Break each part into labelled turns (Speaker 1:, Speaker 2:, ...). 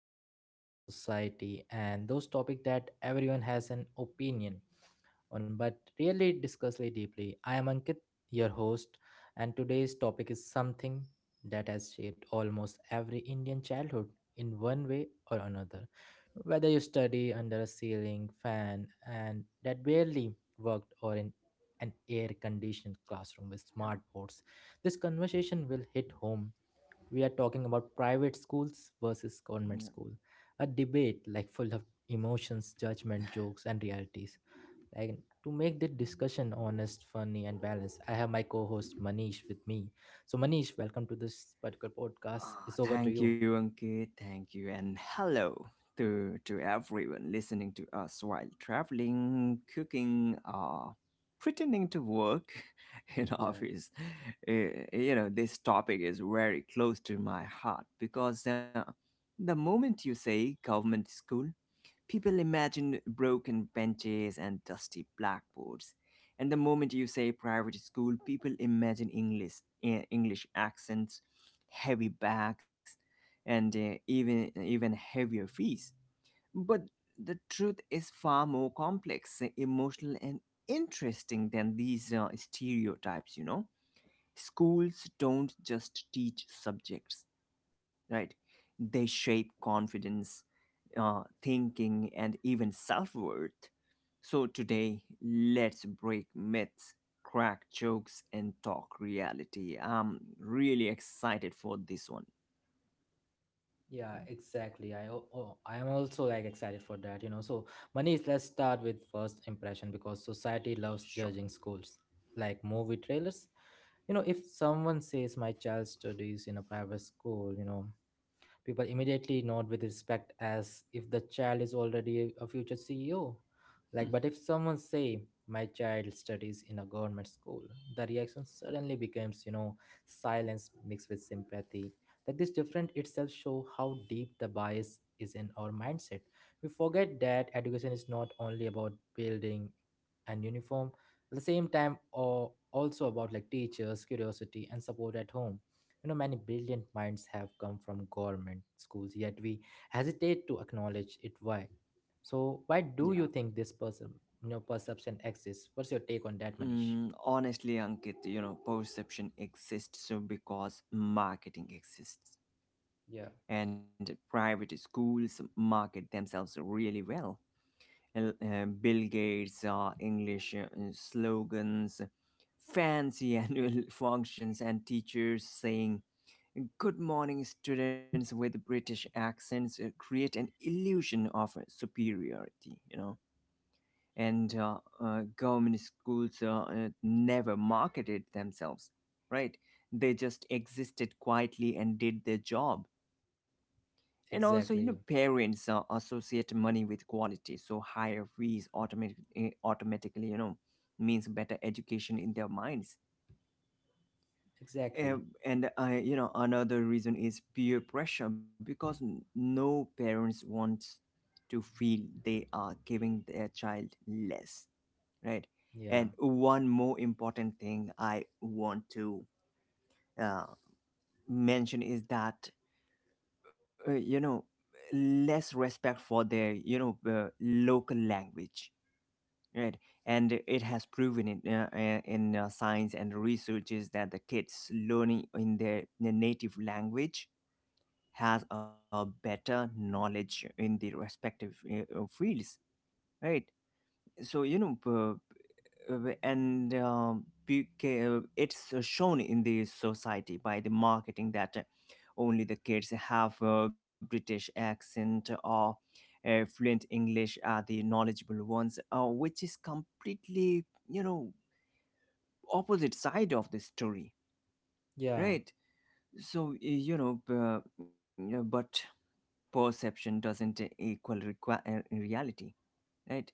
Speaker 1: talk about society and those topics that everyone has an opinion on but really discuss it deeply. I am Ankit, your host, and today's topic is something that has shaped almost every Indian childhood in one way or another. Whether you study under a ceiling fan and that barely worked or in an air conditioned classroom with
Speaker 2: Yep.
Speaker 1: smart boards, this conversation will hit home. We are talking about private schools versus government
Speaker 2: Yep.
Speaker 1: school, a debate like full of emotions, judgment, jokes, and realities. Like, to make the discussion honest, funny, and balanced, I have my co-host Manish with me. So Manish, welcome to this particular podcast, it's over to
Speaker 2: Thank
Speaker 1: you.
Speaker 2: you, Ankit. Thank you, and hello to everyone listening to us while traveling, cooking, or pretending to work in
Speaker 1: Yeah.
Speaker 2: office. You know, this topic is very close to my heart because the moment you say government school, people imagine broken benches and dusty blackboards. And the moment you say private school, people imagine English, English accents, heavy bags, and even heavier fees. But the truth is far more complex, emotional, and interesting than these stereotypes. You know, schools don't just teach subjects, right? They shape confidence, thinking, and even self worth. So, today, let's break myths, crack jokes, and talk reality. I'm really excited for this one.
Speaker 1: Yeah, exactly. I am also like excited for that, you know. So, Manish, let's start with first impression because society loves
Speaker 2: Sure.
Speaker 1: judging schools, like movie trailers. You know, if someone says my child studies in a private school, you know, people immediately nod with respect as if the child is already a future CEO. Like, but if someone say, "My child studies in a government school," the reaction suddenly becomes, you know, silence mixed with sympathy. Like this different itself show how deep the bias is in our mindset. We forget that education is not only about building and uniform, at the same time, or also about like teachers, curiosity, and support at home. You know, many brilliant minds have come from government schools, yet we hesitate to acknowledge it. Why, so why do
Speaker 2: Yeah.
Speaker 1: you think this person, you know, perception exists, what's your take on that Manish?
Speaker 2: Honestly, Ankit, you know, perception exists so because marketing exists.
Speaker 1: Yeah,
Speaker 2: And private schools market themselves really well. Bill Gates, English, slogans, fancy annual functions, and teachers saying good morning students with British accents create an illusion of superiority, you know. And government schools never marketed themselves, right? They just existed quietly and did their job, and also, you know,
Speaker 1: exactly.
Speaker 2: parents associate money with quality, so higher fees automatically, you know, means better education in their minds.
Speaker 1: Exactly.
Speaker 2: And you know, another reason is peer pressure because no parents wants to feel they are giving their child less, right?
Speaker 1: Yeah.
Speaker 2: And one more important thing I want to uh, mention is that you know, less respect for their, you know, local language, right? And it has proven in, in science and researches that the kids learning in their native language has a better knowledge in the respective fields, right? So you know, it's shown in the society by the marketing that only the kids have a British accent or fluent English are the knowledgeable ones, which is completely, you know, opposite side of the story,
Speaker 1: Yeah,
Speaker 2: right? So you know, but perception doesn't equal reality, right?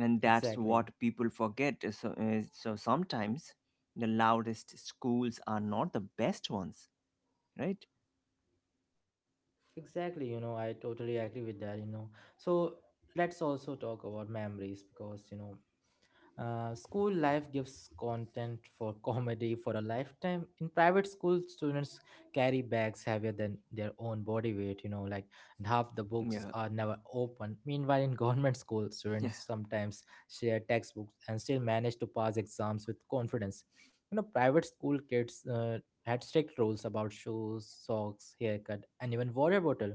Speaker 2: And that's
Speaker 1: exactly.
Speaker 2: what people forget. So, so sometimes the loudest schools are not the best ones, right?
Speaker 1: Exactly, you know, I totally agree with that, you know. So let's also talk about memories because you know, school life gives content for comedy for a lifetime. In private school, students carry bags heavier than their own body weight, you know, like, and half the
Speaker 2: Yeah.
Speaker 1: books are never open. Meanwhile, in government school,
Speaker 2: Yeah.
Speaker 1: students sometimes share textbooks and still manage to pass exams with confidence. You know, private school kids had strict rules about shoes, socks, haircut, and even water bottle.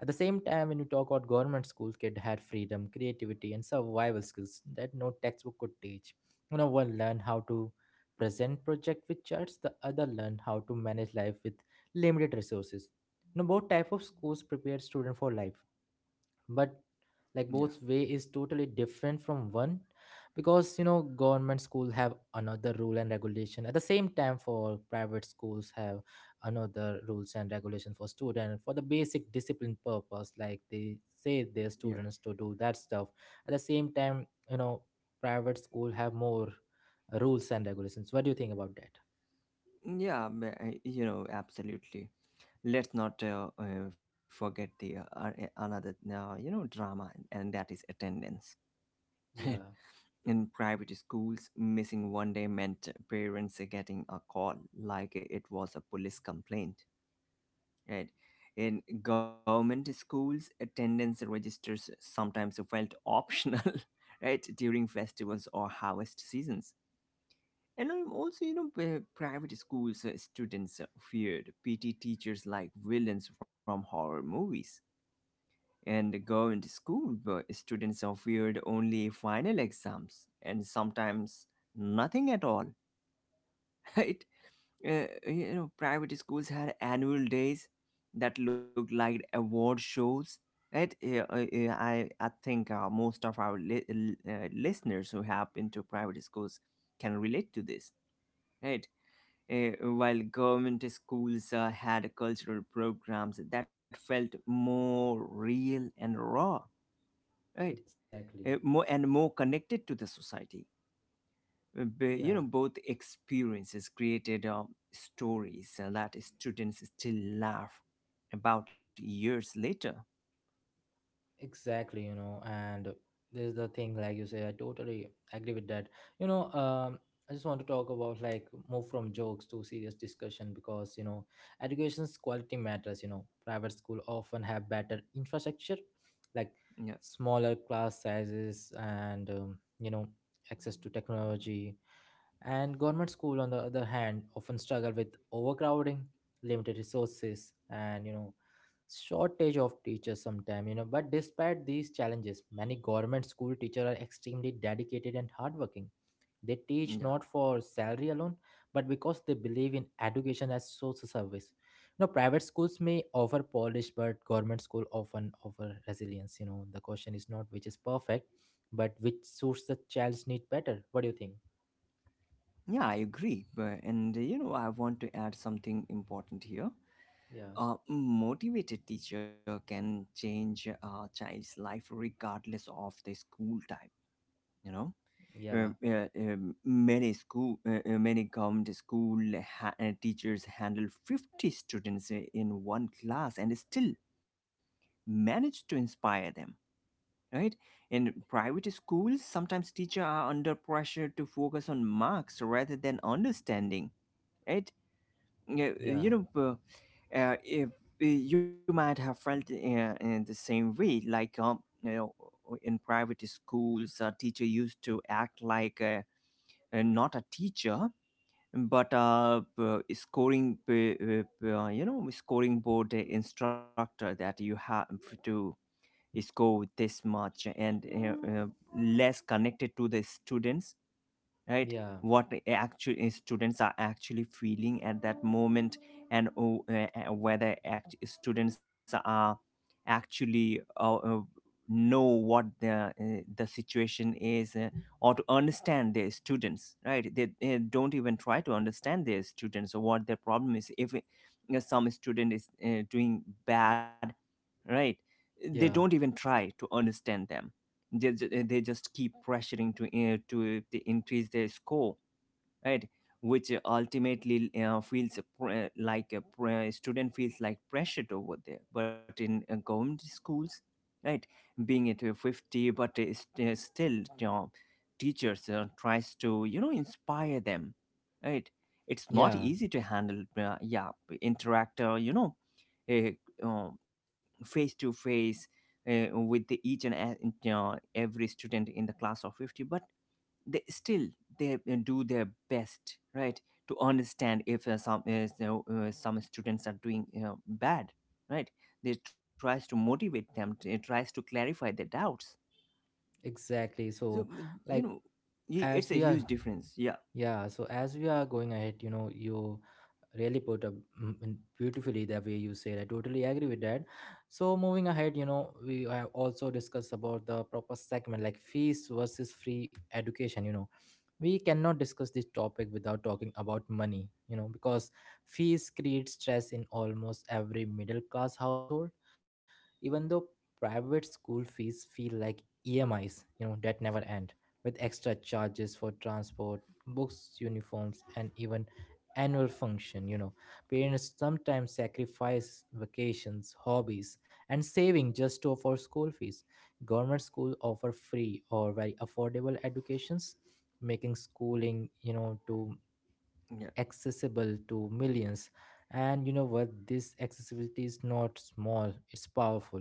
Speaker 1: At the same time, when you talk about government schools, kid had freedom, creativity, and survival skills that no textbook could teach. You know, one learn how to present project with charts, the other learn how to manage life with limited resources. You know, both type of schools prepare student for life, but like
Speaker 2: Yeah.
Speaker 1: both way is totally different from one because you know government school have another rule and regulation at the same time for private schools have another rules and regulation for student for the basic discipline purpose, like they say their
Speaker 2: Yeah.
Speaker 1: students to do that stuff. At the same time, you know, private school have more rules and regulations. What do you think about that?
Speaker 2: Yeah, you know, absolutely. Let's not forget the another, you know, drama, and that is attendance.
Speaker 1: Yeah,
Speaker 2: In private schools, missing one day meant parents getting a call like it was a police complaint, right? In government schools, attendance registers sometimes felt optional, right, during festivals or harvest seasons. And also, you know, private schools students feared PT teachers like villains from horror movies. And the government school students are feared only final exams and sometimes nothing at all, right? You know, private schools had annual days that looked like award shows, right? I think most of our listeners who have been to private schools can relate to this, right? Uh, while government schools had cultural programs that felt more real and raw, right?
Speaker 1: exactly.
Speaker 2: More and more connected to the society. You
Speaker 1: Yeah.
Speaker 2: know, both experiences created stories that students still laugh about years later.
Speaker 1: Exactly, you know, and this is the thing, like you say, I totally agree with that. You know, I just want to talk about like move from jokes to serious discussion because you know, education's quality matters. You know, private school often have better infrastructure, like
Speaker 2: Yeah.
Speaker 1: smaller class sizes and you know, access to technology. And government school, on the other hand, often struggle with overcrowding, limited resources, and you know, shortage of teachers sometime. You know, but despite these challenges many government school teachers are extremely dedicated and hardworking. They
Speaker 2: Yeah.
Speaker 1: teach not for salary alone but because they believe in education as social service. You know, private schools may offer polish but government school often offer resilience. You know, the question is not which is perfect but which suits the child's need better. What do you think?
Speaker 2: Yeah, I agree. And you know, I want to add something important here.
Speaker 1: Yeah.
Speaker 2: A motivated teacher can change a child's life regardless of the school type, you know.
Speaker 1: Yeah.
Speaker 2: Many government school teachers handle 50 students in one class and still manage to inspire them, right? In private schools, sometimes teachers are under pressure to focus on marks rather than understanding, right? Yeah,
Speaker 1: Yeah.
Speaker 2: you know, if, you might have felt in the same way, like, you know, in private schools a teacher used to act like not a teacher but a, scoring, uh, you know, scoring board instructor, that you have to score this much, and less connected to the students, right?
Speaker 1: Yeah.
Speaker 2: What actually students are actually feeling at that moment, and whether students are actually know what the situation is, or to understand their students, right? They, don't even try to understand their students or what their problem is. If you, some student is doing bad, right, they don't
Speaker 1: Yeah.
Speaker 2: even try to understand them. they, they just keep pressuring to increase their score, right? Which ultimately feels like a student feels like pressured over there. But in government schools, right, being at 50, but still, you know, teachers tries to, you know, inspire them, right? It's not
Speaker 1: Yeah,
Speaker 2: easy to handle, yeah, interact, you know, uh, uh, face to face with the each and every student in the class of 50, but they still, they do their best, right? To understand if some is, you know, some students are doing, you know, bad, right, they tries to motivate them. It tries to clarify their doubts.
Speaker 1: exactly.
Speaker 2: So,
Speaker 1: So
Speaker 2: you
Speaker 1: like
Speaker 2: know, it's
Speaker 1: as
Speaker 2: a
Speaker 1: we are,
Speaker 2: huge difference. Yeah.
Speaker 1: yeah, so as we are going ahead, you know, you really put up beautifully the way you said. I totally agree with that. So moving ahead, you know, we have also discussed about the proper segment like fees versus free education. You know, we cannot discuss this topic without talking about money. You know, because fees create stress in almost every middle class household, even though private school fees feel like EMIs, you know, that never end, with extra charges for transport, books, uniforms, and even annual function, you know. Parents sometimes sacrifice vacations, hobbies, and saving just to afford school fees. Government schools offer free or very affordable educations, making schooling, you know, to
Speaker 2: Yeah.
Speaker 1: accessible to millions. And you know what, this accessibility is not small, it's powerful.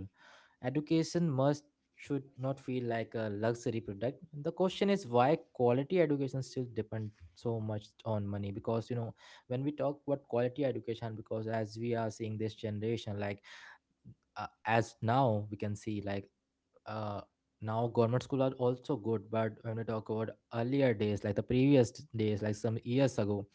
Speaker 1: Education must should not feel like a luxury product. The question is why quality education still depend so much on money, because you know, when we talk about quality education, because as we are seeing this generation like as now we can see like uh now government school are also good, but when we talk about earlier days like the previous days, like some years ago,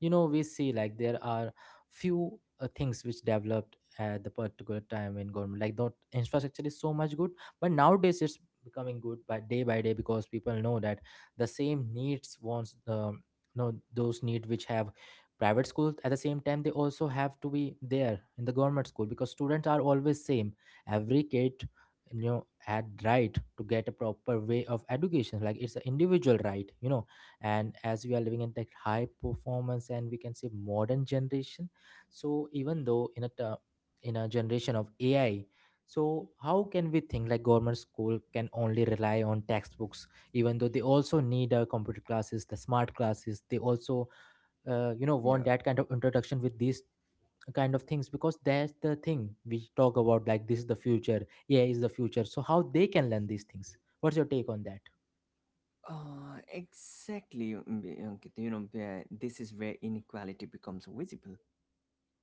Speaker 1: you know, we see like there are few things which developed at the particular time in government, like the infrastructure is so much good, but nowadays it's becoming good by day by day, because people know that the same needs wants the, no, those need which have private schools at the same time, they also have to be there in the government school because students are always same. Every kid, you know, had right to get a proper way of education, like it's an individual right, you know. And as we are living in that high performance and we can say modern generation, so even though in a generation of AI, so how can we think like government school can only rely on textbooks, even though they also need computer classes, the smart classes, they also you know, want
Speaker 2: Yeah.
Speaker 1: that kind of introduction with these kind of things, because that's the thing we talk about, like this is the future. AI is the future, so how they can learn these things? What's your take on that?
Speaker 2: Exactly. Ankit, you know, this is where inequality becomes visible,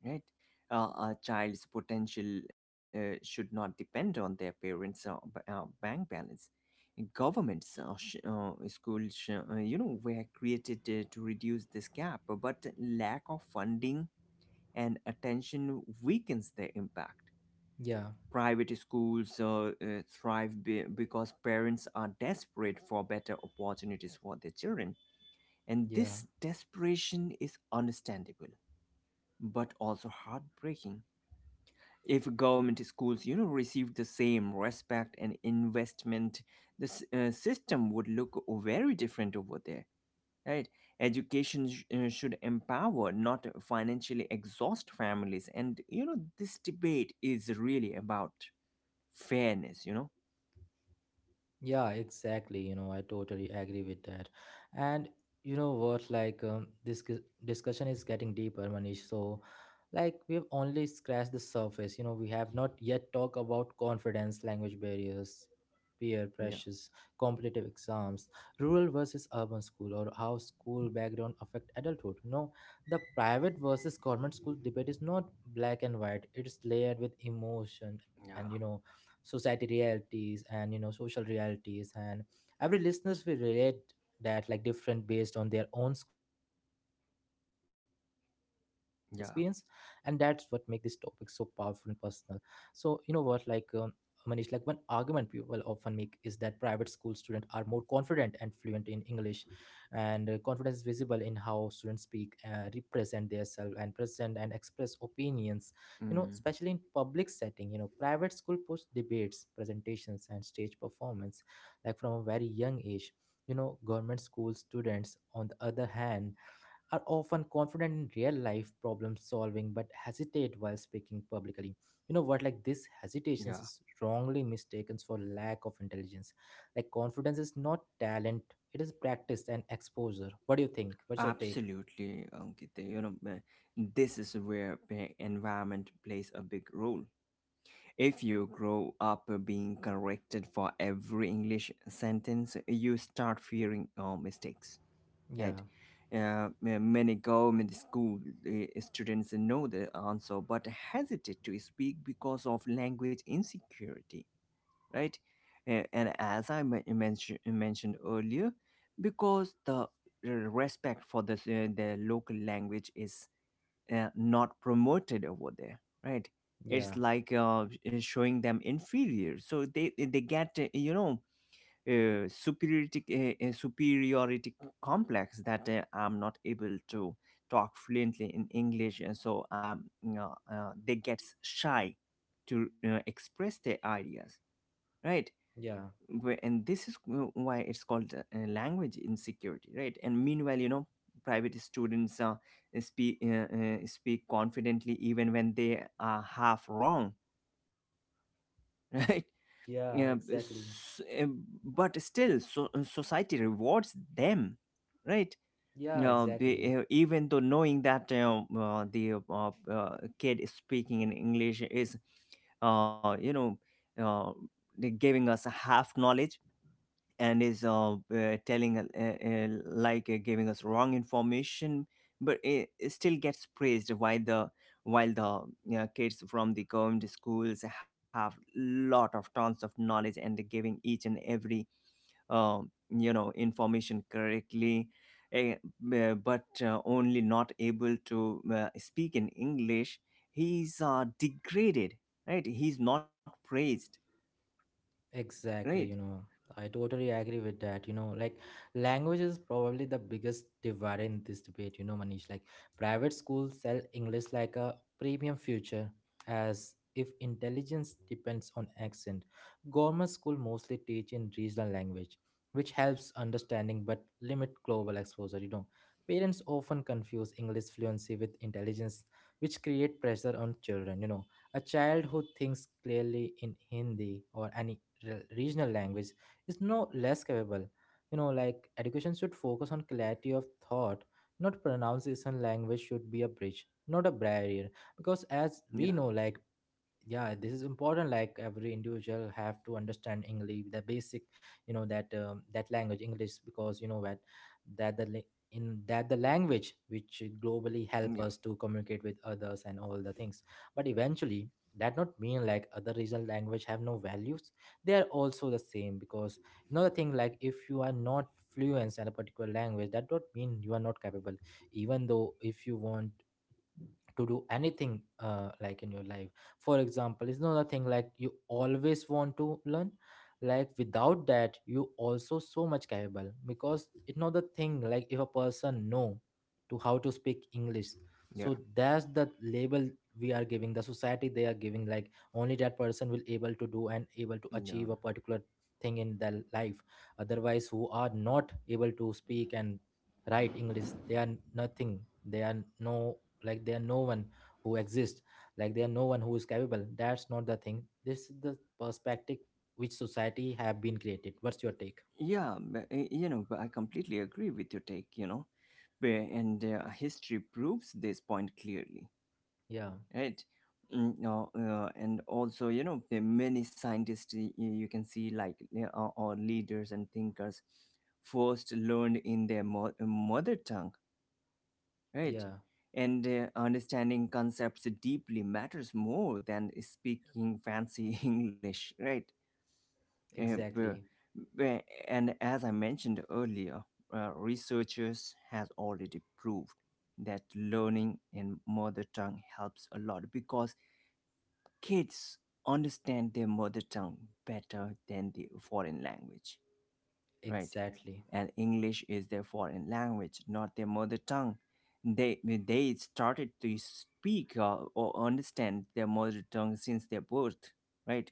Speaker 2: right? Uh, a child's potential should not depend on their parents' bank balance. Governments, sh- schools, you know, were created to reduce this gap, but lack of funding and attention weakens their impact.
Speaker 1: Yeah.
Speaker 2: Private schools thrive because parents are desperate for better opportunities for their children, and
Speaker 1: Yeah.
Speaker 2: this desperation is understandable but also heartbreaking. If government schools, you know, received the same respect and investment, the system would look very different over there, right? Education should empower, not financially exhaust families, and you know, this debate is really about fairness, you know.
Speaker 1: Yeah, exactly. You know, I totally agree with that. And you know what, like this discussion is getting deeper, Manish. So, like we've only scratched the surface. You know, we have not yet talked about confidence, language barriers, peer
Speaker 2: Yeah.
Speaker 1: pressures, competitive exams, rural versus urban school, or how school background affect adulthood. You know, the private versus government school debate is not black and white. It's layered with emotion and you
Speaker 2: Yeah.
Speaker 1: know society realities and you know social realities, and every listeners will relate that like different based on their own school experience, and that's what make this topic so
Speaker 2: Yeah.
Speaker 1: powerful and personal. So you know what, like Manish, like one argument people often make is that private school students are more confident and fluent in English, and confidence visible in how students speak, represent themselves and present and express opinions, you
Speaker 2: mm,
Speaker 1: know, especially in public setting. You know, private school push debates, presentations, and stage performance, like from a very young age. You know, government school students, on the other hand, are often confident in real life problem solving but hesitate while speaking publicly. You know what, like this hesitations
Speaker 2: yeah,
Speaker 1: is wrongly mistaken for lack of intelligence. Like confidence is not talent, it is practice and exposure. What do you think, what's your take?
Speaker 2: absolutely, Ankita. You know, this is where environment plays a big role. If you grow up being corrected for every English sentence, you start fearing your mistakes, right?
Speaker 1: Yeah.
Speaker 2: Many government school students know the answer but hesitate to speak because of language insecurity, right? And as I mentioned earlier, because the respect for the local language is not promoted over there, right? It's
Speaker 1: Yeah.
Speaker 2: like, showing them inferior, so they get, you know, uh, superiority superiority complex, that I'm not able to talk fluently in English, and so, you know, they get shy to express their ideas, right?
Speaker 1: Yeah.
Speaker 2: And this is why it's called, language insecurity, right? And meanwhile, you know, private students speak confidently even when they are half wrong, right?
Speaker 1: Yeah, exactly.
Speaker 2: But still so, society rewards them, right?
Speaker 1: Yeah, exactly.
Speaker 2: Uh, even though knowing that the kid is speaking in English is, you know, uh, they're giving us a half knowledge and is, telling like giving us wrong information, but it still gets praised. While the, while the, you know, kids from the government schools have lot of tons of knowledge and they're giving each and every, you know, information correctly. eh, but only not able to speak in English, he's degraded, right? He's not praised, right.
Speaker 1: Exactly, you know, I totally agree with that. You know, like language is probably the biggest divider in this debate, you know, Manish. Like private schools sell English like a premium future, as if intelligence depends on accent. Government school mostly teach in regional language, which helps understanding but limit global exposure, you know. Parents often confuse English fluency with intelligence, which create pressure on children, you know. A child who thinks clearly in Hindi or any regional language is no less capable. You know, like education should focus on clarity of thought, not pronunciation. Language should be a bridge, not a barrier. Because as we
Speaker 2: Yeah.
Speaker 1: know, like, yeah, this is important. Like every individual have to understand English, the basic. You know that that language English, because you know that the la- in that the language which globally help
Speaker 2: Yeah.
Speaker 1: us to communicate with others and all the things. But eventually that not mean like other regional language have no values, they are also the same. Because another thing, like if you are not fluent in a particular language, that don't mean you are not capable. Even though if you want to do anything, like in your life, for example. It's another thing, like you always want to learn. Like without that you also so much capable, because it's not the thing like if a person know to how to speak English,
Speaker 2: Yeah.
Speaker 1: so that's the label we are giving. The society, they are giving like only that person will able to do and able to
Speaker 2: Yeah.
Speaker 1: achieve a particular thing in their life. Otherwise, who are not able to speak and write English, they are nothing. They are no, like they are no one who exists. Like they are no one who is capable. That's not the thing. This is the perspective which society have been created. What's your take?
Speaker 2: Yeah, you know, but I completely agree with your take, you know. And history proves this point clearly,
Speaker 1: Yeah,
Speaker 2: right? Now, and also, you know, the many scientists, you can see, like, or leaders and thinkers, first learned in their mother tongue, right?
Speaker 1: yeah,
Speaker 2: And understanding concepts deeply matters more than speaking fancy English, right? Uh, b-
Speaker 1: exactly,
Speaker 2: b- And as I mentioned earlier, researchers has already proved that learning in mother tongue helps a lot because kids understand their mother tongue better than the foreign language, right?
Speaker 1: exactly.
Speaker 2: And English is their foreign language, not their mother tongue. They started to speak or understand their mother tongue since their birth, right?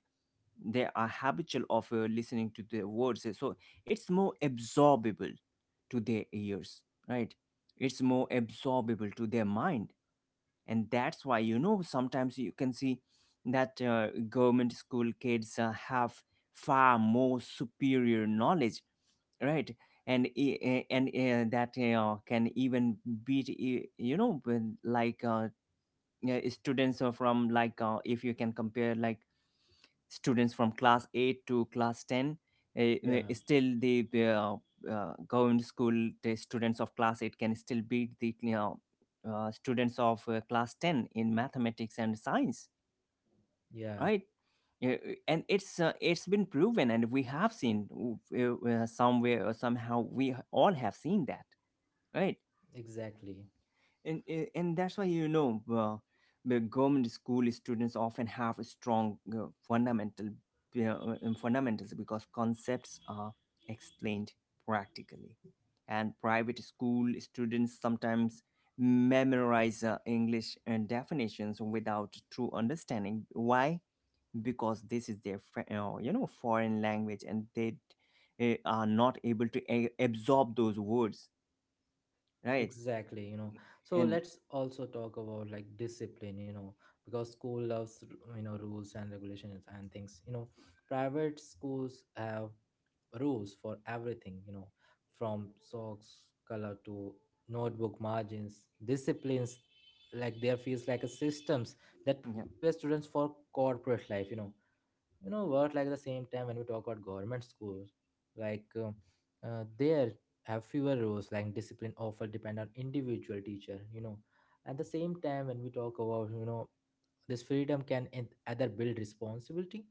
Speaker 2: They are habitual of listening to the words so it's more absorbable to their ears. Right, it's more absorbable to their mind. And that's why you know sometimes you can see that government school kids have far more superior knowledge. Right. And that can even beat you know, when, yeah, students are from if you can compare like students from class 8 to class 10.
Speaker 1: Yeah,
Speaker 2: Still the government school, the students of class 8 can still beat the, you know, students of class 10 in mathematics and science.
Speaker 1: yeah,
Speaker 2: Right. Yeah, and it's been proven and we have seen somewhere or somehow we all have seen that. Right.
Speaker 1: exactly,
Speaker 2: And that's why you know, the government school students often have a strong uh, fundamentals because concepts are explained practically. And private school students sometimes memorize english definitions without true understanding why, because this is their you know, foreign language and they are not able to absorb those words. Right.
Speaker 1: exactly, you know. So
Speaker 2: And
Speaker 1: let's also talk about, like, discipline, you know. Because school loves, you know, rules and regulations and things, you know. Private schools have rules for everything, you know, from socks color to notebook margins, disciplines. Like there feels like a systems that prepare students for corporate life. You know what? Like the same time when we talk about government schools, like, there have fewer rules. Like discipline often depend on individual teacher. You know, at the same time when we talk about, you know, this freedom can either build responsibility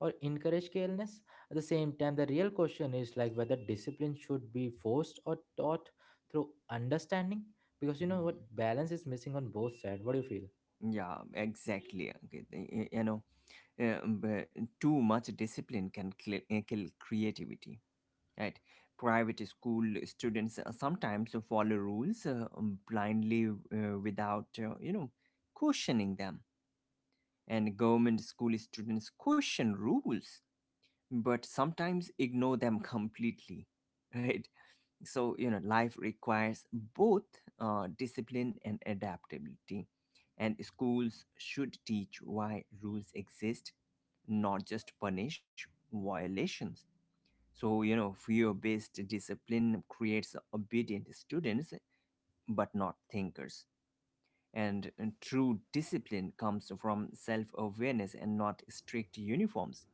Speaker 1: or encourage carelessness. At the same time, the real question is like whether discipline should be forced or taught through understanding. Because you know what,
Speaker 2: yeah,
Speaker 1: balance is missing on both sides. What do you feel?
Speaker 2: yeah, exactly. Okay, you know, but too much discipline can kill creativity. Right? Private school students sometimes follow rules, blindly, without, you know, questioning them. And government school students question rules, but sometimes ignore them completely. Right? So you know, life requires both discipline and adaptability, and schools should teach why rules exist, not just punish violations. So you know, fear based discipline creates obedient students, but not thinkers. And true discipline comes from self awareness and not strict uniforms.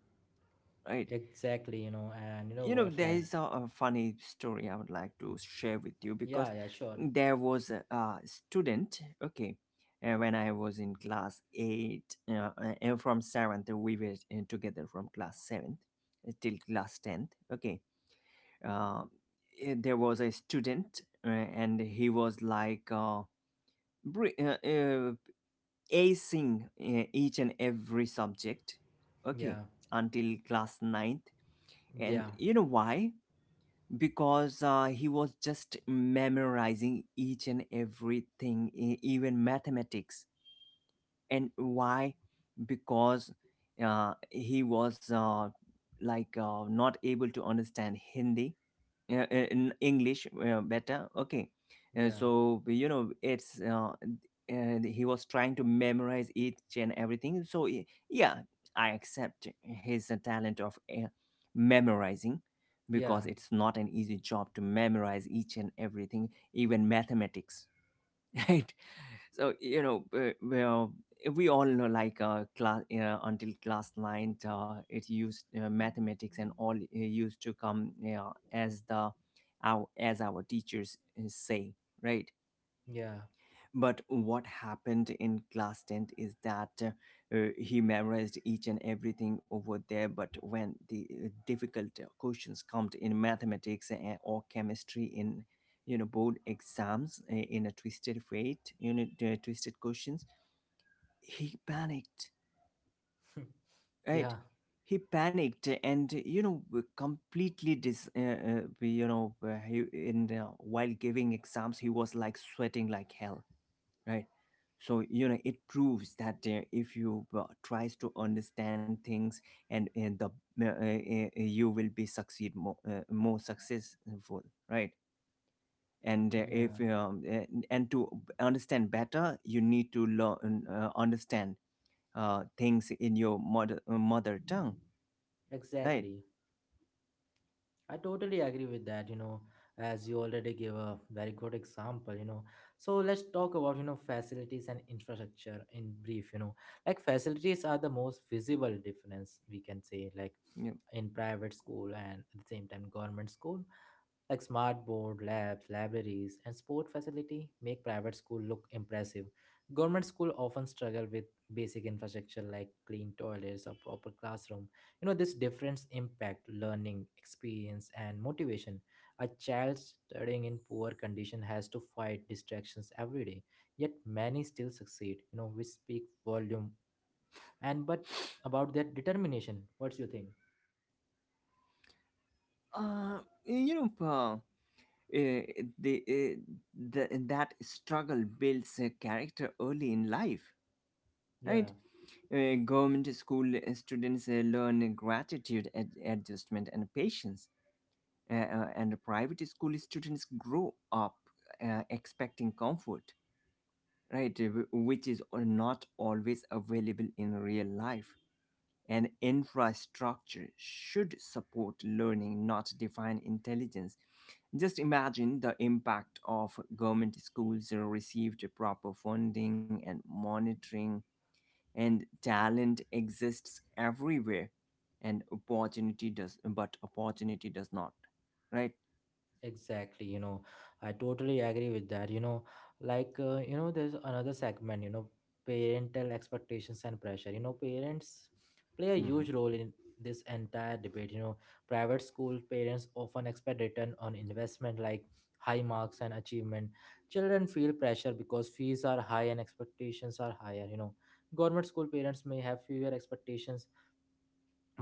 Speaker 2: Right.
Speaker 1: Exactly, you know, and you know
Speaker 2: You know,
Speaker 1: what,
Speaker 2: there
Speaker 1: like,
Speaker 2: is a funny story I would like to share with you, because
Speaker 1: yeah, yeah, sure.
Speaker 2: there was a student, okay, when I was in class 8, and from 7th we were together from class 7th till class 10th, okay. uh, there was a student, and he was like br- uh, uh, acing each and every subject, okay,
Speaker 1: Yeah,
Speaker 2: until class ninth. And
Speaker 1: yeah,
Speaker 2: you know why? Because he was just memorizing each and everything, even mathematics. And why? Because he was not able to understand hindi in english better, okay. And
Speaker 1: yeah,
Speaker 2: so you know, it's and he was trying to memorize each and everything. So yeah, I accept his talent of memorizing, because
Speaker 1: yeah,
Speaker 2: it's not an easy job to memorize each and everything, even mathematics. Right. So you know, well, we all know like class until class 9, it used mathematics and all used to come, you, as the our, as our teachers say. Right.
Speaker 1: yeah,
Speaker 2: But what happened in class 10 is that he memorized each and everything over there, but when the difficult questions come in mathematics or chemistry in, you know, board exams, in a twisted fate, you know, the twisted questions, he panicked. Right.
Speaker 1: yeah,
Speaker 2: He panicked, and you know, completely dis you know, he, in while giving exams he was like sweating like hell. Right. So you know, it proves that if you tries to understand things and the uh, uh, you will be succeed more, more successful. Right. And if
Speaker 1: yeah,
Speaker 2: and and to understand better, you need to learn, understand things in your mother tongue, right?
Speaker 1: exactly. I totally agree with that, you know, as you already gave a very good example, you know. So let's talk about, you know, facilities and infrastructure in brief, you know. Like facilities are the most visible difference we can say, like
Speaker 2: Yeah.
Speaker 1: in private school and at the same time government school. Like smart board, labs, libraries, and sport facility make private school look impressive. Government school often struggle with basic infrastructure like clean toilets or proper classroom. You know, this difference impact learning, experience, and motivation. A child studying in poor condition has to fight distractions every day, yet many still succeed, you know, which speak volume and but about their determination. What's your thing?
Speaker 2: Uh, you know, eh, the, eh, that struggle builds a character early in life,
Speaker 1: Yeah.
Speaker 2: right? Government school students learn gratitude, adjustment, and patience, and private school students grow up expecting comfort, right? Which is not always available in real life. And infrastructure should support learning, not define intelligence. Just imagine the impact of government schools received proper funding and monitoring, and talent exists everywhere, and opportunity does, but opportunity does not, right?
Speaker 1: Exactly, you know, I totally agree with that. You know, like, you know, there's another segment, you know, parental expectations and pressure. You know, parents play a
Speaker 2: Mm-hmm.
Speaker 1: huge role in this entire debate. You know, private school parents often expect return on investment like high marks and achievement. Children feel pressure because fees are high and expectations are higher. You know, government school parents may have fewer expectations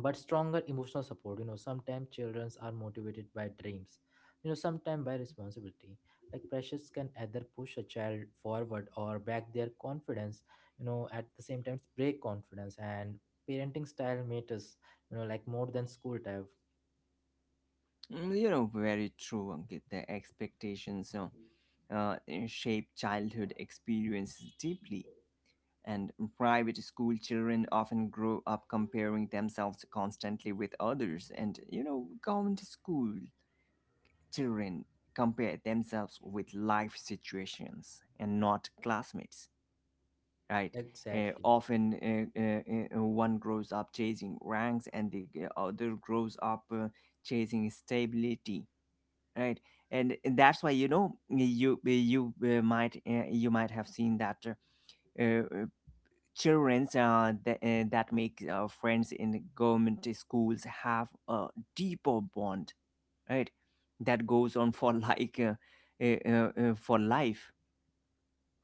Speaker 1: but stronger emotional support. You know sometimes children are motivated by dreams, you know, sometimes by responsibility. Like pressures can either push a child forward or back their confidence. You know, at the same time break confidence. And parenting style matters, you know, like more than school type.
Speaker 2: You know, very true, Ankit. The expectations uh, shape childhood experiences deeply. And private school children often grow up comparing themselves constantly with others. And, you know, government school children compare themselves with life situations and not classmates, right?
Speaker 1: Exactly.
Speaker 2: Often one grows up chasing ranks and the other grows up chasing stability. Right. And that's why you know, you might have seen that uh, uh, children that make friends in government schools have a deeper bond. Right. That goes on for for life.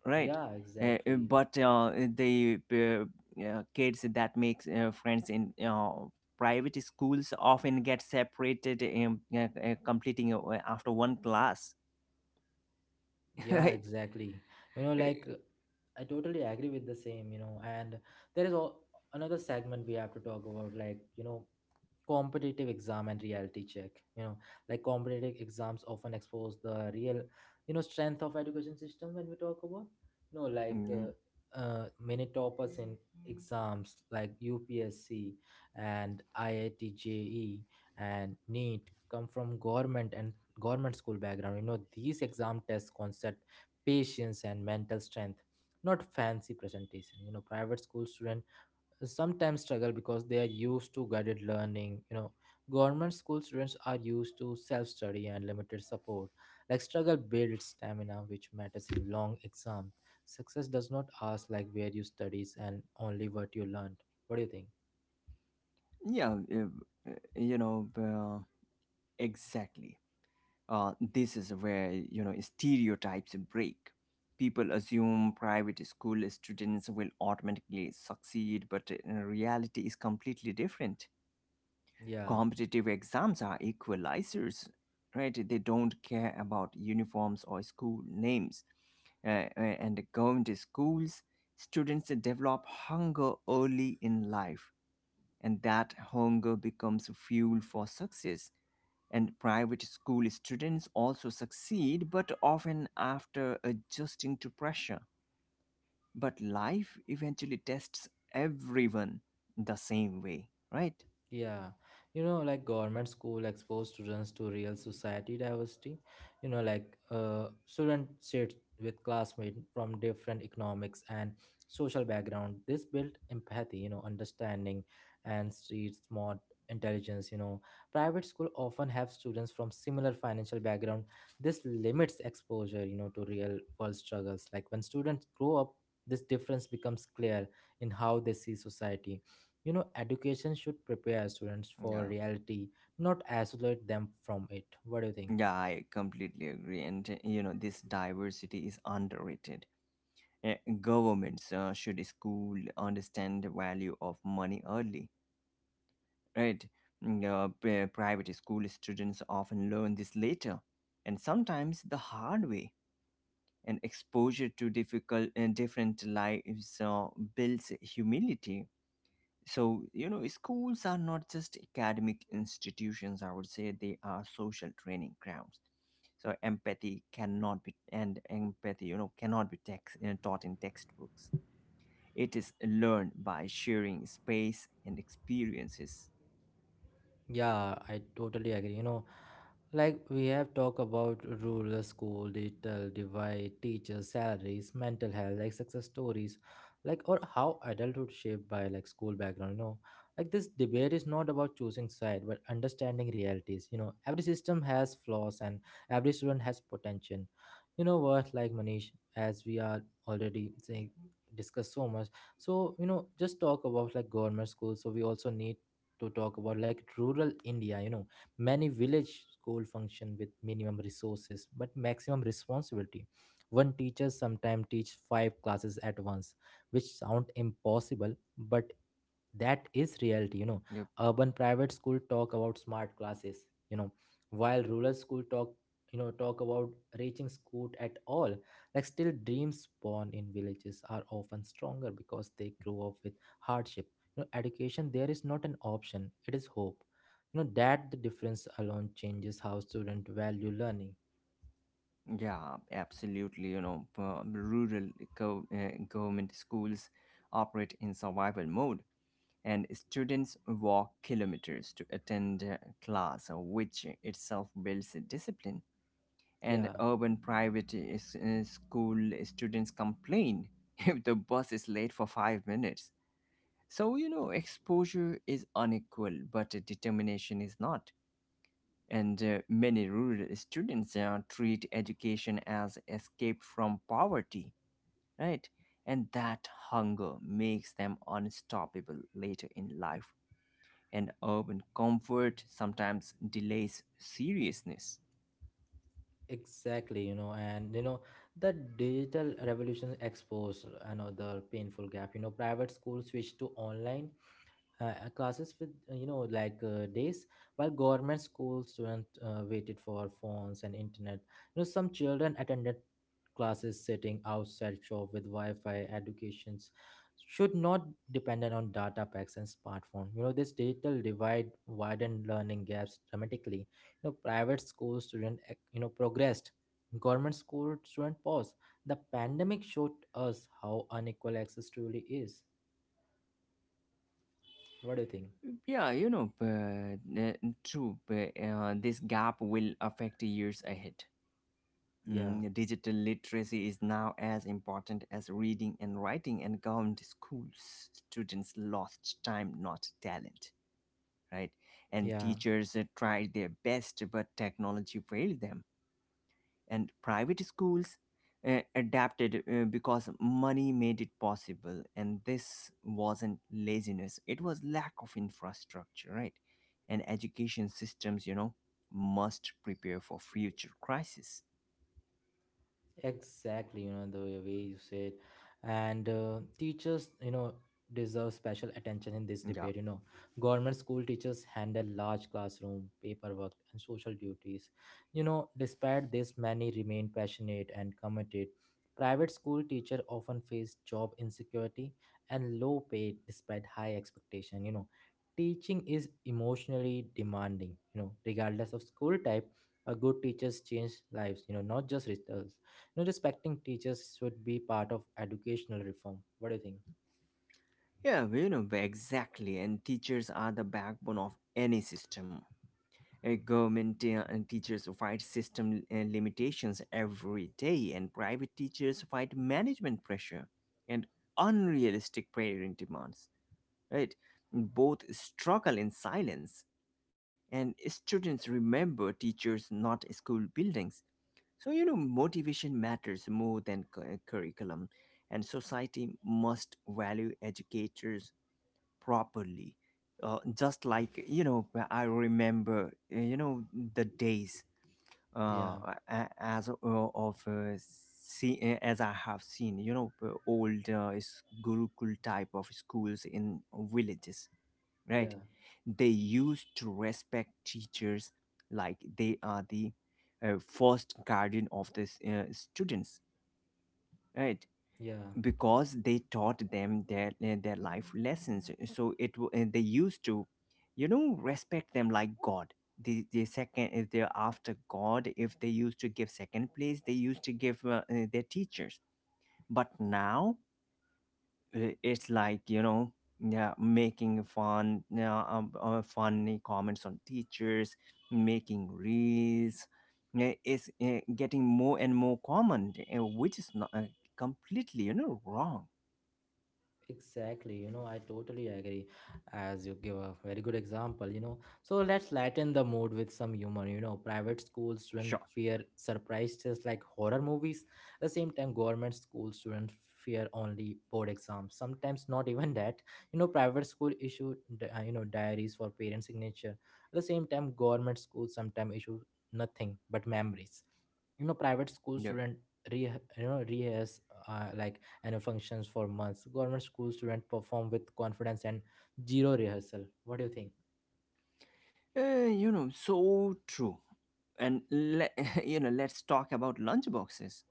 Speaker 2: Right.
Speaker 1: Yeah, exactly.
Speaker 2: But the kids that make friends in private schools often get separated, completing after one class.
Speaker 1: Yeah,
Speaker 2: Right.
Speaker 1: exactly, you know,
Speaker 2: Uh,
Speaker 1: like I totally agree with the same, you know. And there is all, another segment we have to talk about, like, you know, competitive exam and reality check. You know, like competitive exams often expose the real, you know, strength of education system when we talk about, you know, like
Speaker 2: mm,
Speaker 1: many toppers in exams like UPSC and IIT JE and NEET come from government and government school background. You know these exam test concept, patience and mental strength, not fancy presentation. You know private school student sometimes struggle because they are used to guided learning. You know government school students are used to self-study and limited support. Like struggle builds stamina which matters in long exam. Success does not ask like where you studies and only what you learned. What do you think?
Speaker 2: yeah, you know, exactly. This is where you know stereotypes break. People assume private school students will automatically succeed, but in reality, is completely different.
Speaker 1: Yeah.
Speaker 2: Competitive exams are equalizers, right? They don't care about uniforms or school names. And going to schools, students develop hunger early in life, and that hunger becomes fuel for success, and private school students also succeed, but often after adjusting to pressure. But life eventually tests everyone the same way, right?
Speaker 1: Yeah, you know, like government school expose students to real society diversity. You know, like student sit with classmates from different economics and social background. This built empathy, you know, understanding, and street smart intelligence. You know, private school often have students from similar financial background. This limits exposure, you know, to real world struggles. Like when students grow up, this difference becomes clear in how they see society. You know, education should prepare students for
Speaker 2: Yeah.
Speaker 1: reality, not isolate them from it. What do you think?
Speaker 2: Yeah, I completely agree. And, you know, this diversity is underrated. Uh, Governments should school understand the value of money early, right? Mm. Private school students often learn this later, and sometimes the hard way, and exposure to difficult and different lives builds humility. So you know, schools are not just academic institutions, I would say they are social training grounds. So empathy cannot be, and empathy you know cannot be taught in textbooks, it is learned by sharing space and experiences.
Speaker 1: Yeah, I totally agree. You know, like we have talked about rural school, digital divide, teachers, salaries, mental health, like success stories, like or how adulthood shaped by like school background. You know, like this debate is not about choosing side, but understanding realities. You know, every system has flaws and every student has potential. You know what, like Manish, as we are already saying discuss so much, so you know, just talk about like government schools, so we also need to talk about like rural India, you know. Many village school function with minimum resources but maximum responsibility. One teacher sometimes teach five classes at once, which sound impossible but that is reality, you know.
Speaker 2: Yep.
Speaker 1: Urban private school talk about smart classes, you know, while rural school talk, you know, talk about reaching school at all. Like still dreams born in villages are often stronger because they grow up with hardship. You know education there is not an option, it is hope. You know that the difference alone changes how students value learning.
Speaker 2: Yeah, absolutely. You know, government schools operate in survival mode, and students walk kilometers to attend class, which itself builds discipline. And
Speaker 1: Yeah.
Speaker 2: urban private school students complain if the bus is late for 5 minutes. So, you know, exposure is unequal, but determination is not. And many rural students treat education as escape from poverty, right? And that hunger makes them unstoppable later in life, and urban comfort sometimes delays seriousness.
Speaker 1: Exactly, you know, and you know, the digital revolution exposed another painful gap. You know, private schools switched to online classes with, you know, like, days, while government school students waited for phones and internet. You know some children attended classes sitting outside shop with wi-fi. Educations should not dependent on data packs and smartphone. You know this digital divide widened learning gaps dramatically. You know private school student you know progressed, government school student paused. The pandemic showed us how unequal access truly is. What do you think?
Speaker 2: Yeah, you know, true. But, this gap will affect years ahead.
Speaker 1: Yeah,
Speaker 2: Mm, digital literacy is now as important as reading and writing, and government schools students lost time, not talent, right? And
Speaker 1: yeah.
Speaker 2: teachers tried their best, but technology failed them, and private schools adapted because money made it possible, and this wasn't laziness, it was lack of infrastructure. Right. And education systems you know must prepare for future crisis.
Speaker 1: Exactly, you know, the way you said. And teachers, you know, deserve special attention in this
Speaker 2: Yeah.
Speaker 1: debate. You know, government school teachers handle large classroom, paperwork, and social duties. You know, despite this, many remain passionate and committed. Private school teacher often face job insecurity and low pay despite high expectation. You know, teaching is emotionally demanding. You know, regardless of school type, a good teachers change lives. You know, not just results. You know, respecting teachers should be part of educational reform. What do you think?
Speaker 2: Yeah, you know, exactly. And teachers are the backbone of any system. Government teachers fight system limitations every day, and private teachers fight management pressure and unrealistic parent demands. Right? Both struggle in silence, and students remember teachers, not school buildings. So, you know, motivation matters more than curriculum, and society must value educators properly. Just like, you know, I remember, you know, the days
Speaker 1: Yeah,
Speaker 2: as I have seen, you know, old Gurukul type of schools in villages, right?
Speaker 1: yeah,
Speaker 2: They used to respect teachers like they are the first guardian of the students, right?
Speaker 1: yeah.
Speaker 2: Because they taught them their life lessons. So it and they used to, you know, respect them like god. The second, if they're after god, if they used to give second place, they used to give their teachers. But now, it's like you know, yeah, making fun, yeah, funny comments on teachers, making reels, yeah, is getting more and more common, which is not completely you know wrong.
Speaker 1: Exactly, you know, I totally agree. As you give a very good example, you know. So let's lighten the mood with some humor. You know, private school students
Speaker 2: Sure.
Speaker 1: fear surprise tests like horror movies. At the same time, government school students fear only board exams. Sometimes not even that. You know, private school issue, you know, diaries for parent signature. At the same time, government school sometimes issue nothing but memories. You know, private school
Speaker 2: Yeah.
Speaker 1: student re, you know, rehearse like and functions for months. Government school students perform with confidence and zero rehearsal. What do you think?
Speaker 2: You know, so true. And let, you know, let's talk about lunchboxes.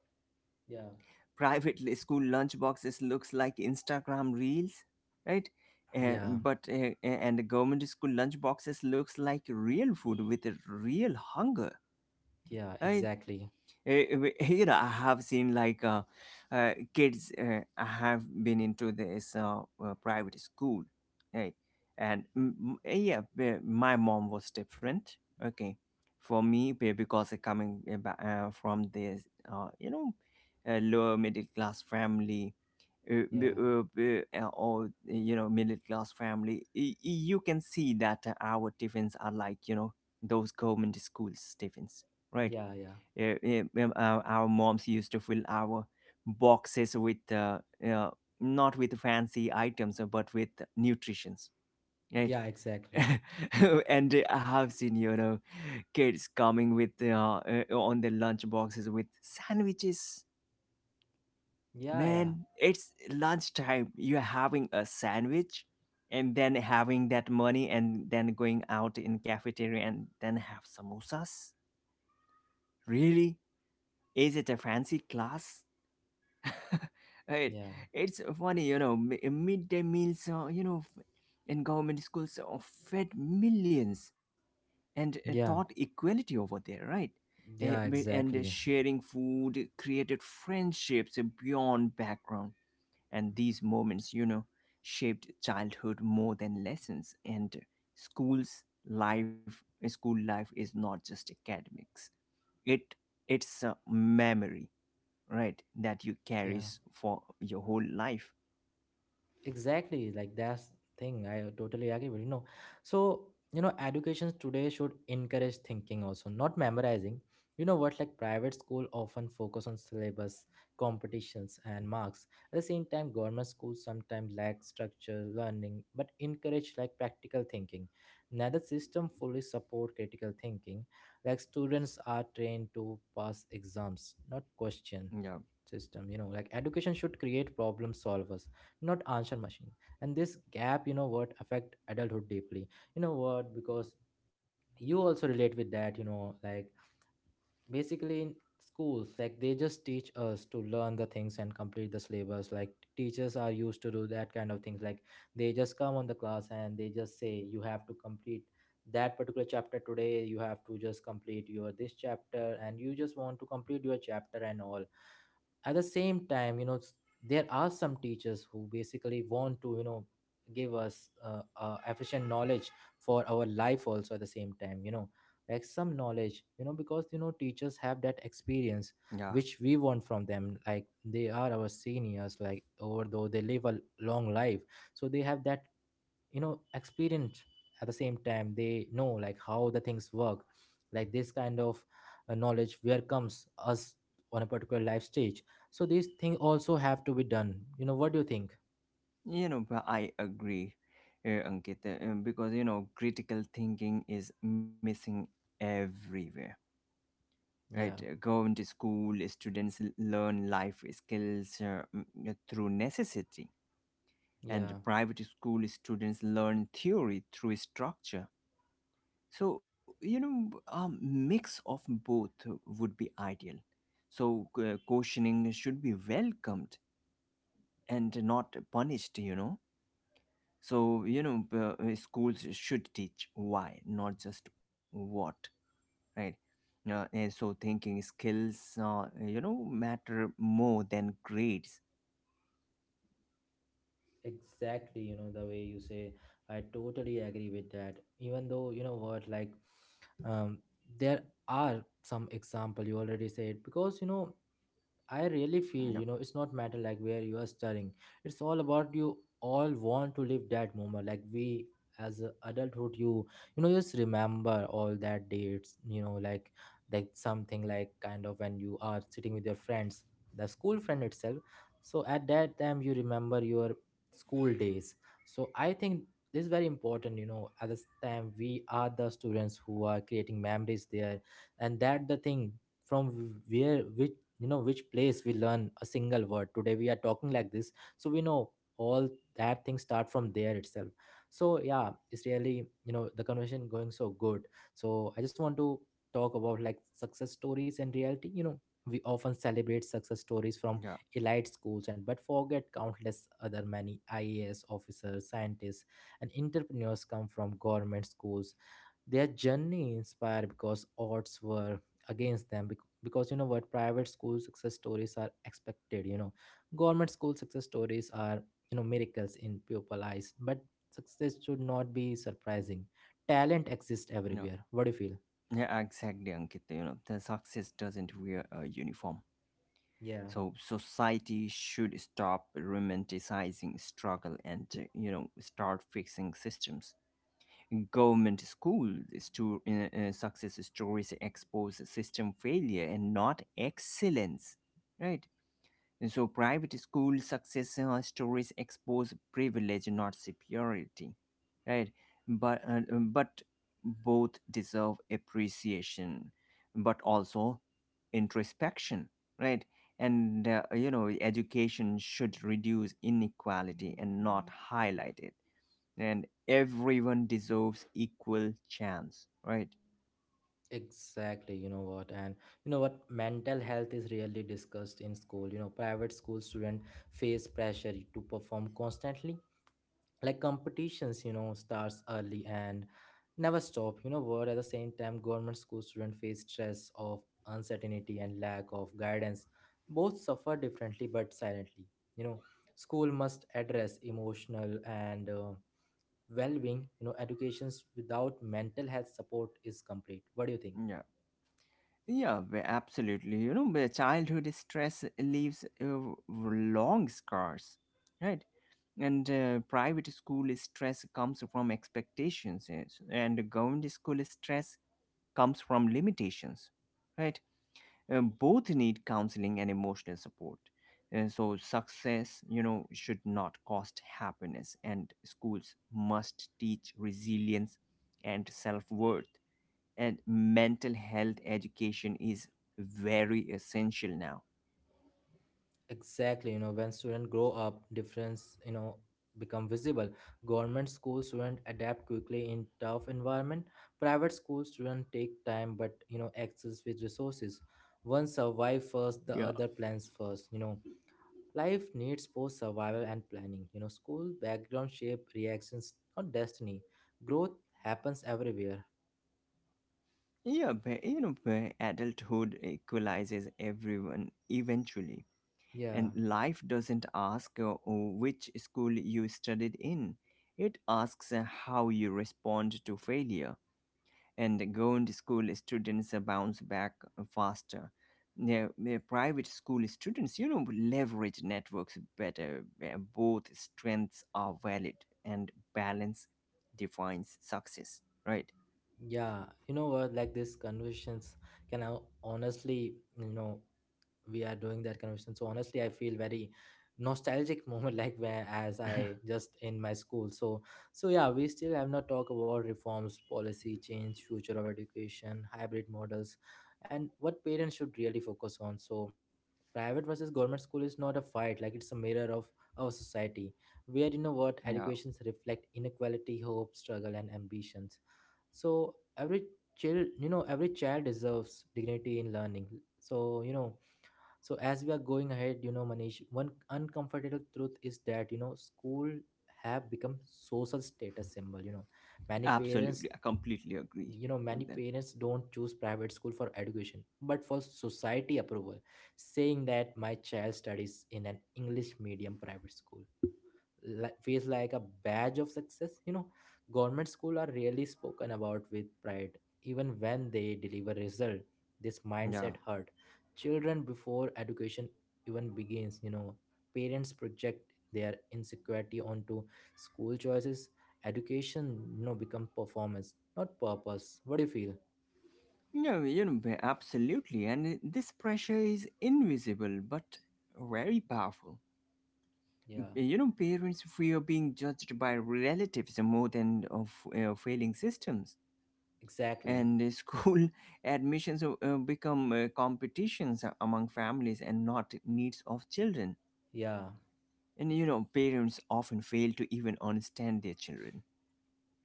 Speaker 1: Yeah.
Speaker 2: Private school lunchboxes looks like Instagram reels, right?
Speaker 1: Yeah,
Speaker 2: But and the government school lunchboxes looks like real food with a real hunger,
Speaker 1: yeah,
Speaker 2: right?
Speaker 1: exactly.
Speaker 2: Here I have seen like kids have been into this private school, right? And yeah, my mom was different. Okay, for me because I coming from this lower middle class family,
Speaker 1: Yeah,
Speaker 2: or you know middle class family. You can see that our tiffins are like those government schools tiffins, right.
Speaker 1: yeah, yeah,
Speaker 2: Our moms used to fill our boxes with uh, not with fancy items, but with nutritions, right.
Speaker 1: yeah, exactly.
Speaker 2: And I have seen, you know, kids coming with on the lunch boxes with sandwiches.
Speaker 1: Yeah, yeah,
Speaker 2: Man, it's lunchtime, you're having a sandwich, and then having that money and then going out in cafeteria and then have samosas. Really? Is it a fancy class? Right.
Speaker 1: yeah,
Speaker 2: It's funny, you know. Midday meals, in government schools, fed millions and taught
Speaker 1: yeah,
Speaker 2: equality over there, right.
Speaker 1: yeah,
Speaker 2: Mi- and
Speaker 1: exactly.
Speaker 2: Sharing food created friendships beyond background, and these moments, you know, shaped childhood more than lessons and schools. Life, school life is not just academics. It it's a memory, right, that you
Speaker 1: Yeah,
Speaker 2: carries for your whole life.
Speaker 1: exactly, like that's thing I totally agree with, you know. So, you know, education today should encourage thinking also, not memorizing. You know what, like private school often focus on syllabus, competitions and marks. At the same time government schools sometimes lack structure learning but encourage like practical thinking. Neither system fully support critical thinking. Like students are trained to pass exams, not question
Speaker 2: Yeah,
Speaker 1: system. You know, like education should create problem solvers, not answer machine. And this gap, you know what, affect adulthood deeply. You know what, because you also relate with that, you know. Like basically in schools, like they just teach us to learn the things and complete the syllabus. Like teachers are used to do that kind of things. Like they just come on the class and they just say you have to complete that particular chapter today, you have to just complete your this chapter and you just want to complete your chapter and all. At the same time you know, there are some teachers who basically want to, you know, give us efficient knowledge for our life also. At the same time you know, like some knowledge, you know, because you know teachers have that experience
Speaker 2: yeah,
Speaker 1: which we want from them. Like they are our seniors, like although they live a long life, so they have that, you know, experienced. At the same time they know like how the things work. Like this kind of knowledge where comes us on a particular life stage. So these things also have to be done. You know, what do you think?
Speaker 2: you know, but I agree, Ankit, because you know critical thinking is missing everywhere, right.
Speaker 1: Yeah,
Speaker 2: Going to school students learn life skills through necessity, and
Speaker 1: yeah,
Speaker 2: private school students learn theory through structure. So you know a mix of both would be ideal. So questioning should be welcomed and not punished, you know. So you know schools should teach why, not just what, right. And so thinking skills, you know, matter more than grades.
Speaker 1: exactly, you know, the way you say. I totally agree with that even though, you know what, like um there are some example you already said, because you know I really feel,
Speaker 2: Yeah.
Speaker 1: you know, it's not matter like where you are studying. It's all about you all want to live that moment. Like we as a adulthood, just remember all that dates, like something like kind of when you are sitting with your friends, the school friend itself. So at that time you remember your school days. So I think this is very important, you know, at this time we are the students who are creating memories there and that the thing from where which you know which place we learn a single word today we are talking like this, so we know all that things start from there itself. So yeah, it's really, you know, the conversation going so good. So I just want to talk about like success stories and reality. You know, we often celebrate success stories from
Speaker 2: Yeah.
Speaker 1: elite schools and but forget countless other many IAS officers, scientists and entrepreneurs come from government schools. Their journey inspired because odds were against them because you know what, private school success stories are expected, you know. Government school success stories are, you know, miracles in pupil eyes, but success should not be surprising. Talent exists
Speaker 2: Yeah,
Speaker 1: everywhere. What do you feel?
Speaker 2: yeah, exactly, Ankit, you know, the success doesn't wear a uniform.
Speaker 1: Yeah,
Speaker 2: So society should stop romanticizing struggle and, you know, start fixing systems. Government school success stories expose system failure and not excellence, right? And so private school success stories expose privilege, not superiority, right? But both deserve appreciation, but also introspection, right? And you know, education should reduce inequality and not highlight it, and everyone deserves equal chance, right.
Speaker 1: exactly, you know what? And you know what, mental health is rarely discussed in school. You know, private school students face pressure to perform constantly, like competitions, you know, starts early and never stop. You know, where at the same time government school students face stress of uncertainty and lack of guidance. Both suffer differently but silently, you know. School must address emotional and well-being. You know, educations without mental health support is complete. What do you think?
Speaker 2: Yeah. Yeah, absolutely, you know, where childhood stress leaves long scars, right. And private school stress comes from expectations, yes, and government school stress comes from limitations, right. Both need counseling and emotional support. So success, you know, should not cost happiness, and schools must teach resilience and self-worth. And mental health education is very essential now.
Speaker 1: Exactly, you know, when students grow up, difference, you know, become visible. Government school students adapt quickly in tough environment. Private school students take time, but you know, access with resources. One survive first, the
Speaker 2: Yeah,
Speaker 1: other plans first. You know, life needs both survival and planning. You know, school background shape reactions, not destiny. Growth happens everywhere.
Speaker 2: yeah, but, you know, but adulthood equalizes everyone eventually,
Speaker 1: Yeah,
Speaker 2: and life doesn't ask which school you studied in. It asks how you respond to failure, and government school students bounce back faster. The private school students, you know, leverage networks better. Both strengths are valid, and balance defines success, right?
Speaker 1: yeah. You know what? Like these conversations can honestly, you know, we are doing that conversation so honestly I feel very nostalgic moment like where as I just in my school. So so yeah, we still have not talked about reforms, policy change, future of education, hybrid models and what parents should really focus on. So private versus government school is not a fight, like it's a mirror of our society, where you know what,
Speaker 2: Yeah,
Speaker 1: educations reflect inequality, hope, struggle and ambitions. So every child, you know, every child deserves dignity in learning. So you know, so as we are going ahead, you know, Manish, one uncomfortable truth is that, you know, school have become social status symbol, you know. Many parents,
Speaker 2: absolutely. I completely agree
Speaker 1: you know, many
Speaker 2: with that.
Speaker 1: parents don't choose private school for education, but for society approval, saying that my child studies in an English medium private school like feels like a badge of success, you know. Government school are really spoken about with pride even when they deliver result. This
Speaker 2: Yeah.
Speaker 1: mindset hurt children before education even begins, you know. Parents project their insecurity onto school choices. Education, you know, become performance not purpose. What do you feel?
Speaker 2: No, you know, absolutely. And this pressure is invisible but very powerful,
Speaker 1: Yeah,
Speaker 2: you know. Parents fear being judged by relatives more than of failing systems,
Speaker 1: exactly.
Speaker 2: and school admissions become competitions among families and not needs of children.
Speaker 1: Yeah.
Speaker 2: And you know parents often fail to even understand their children,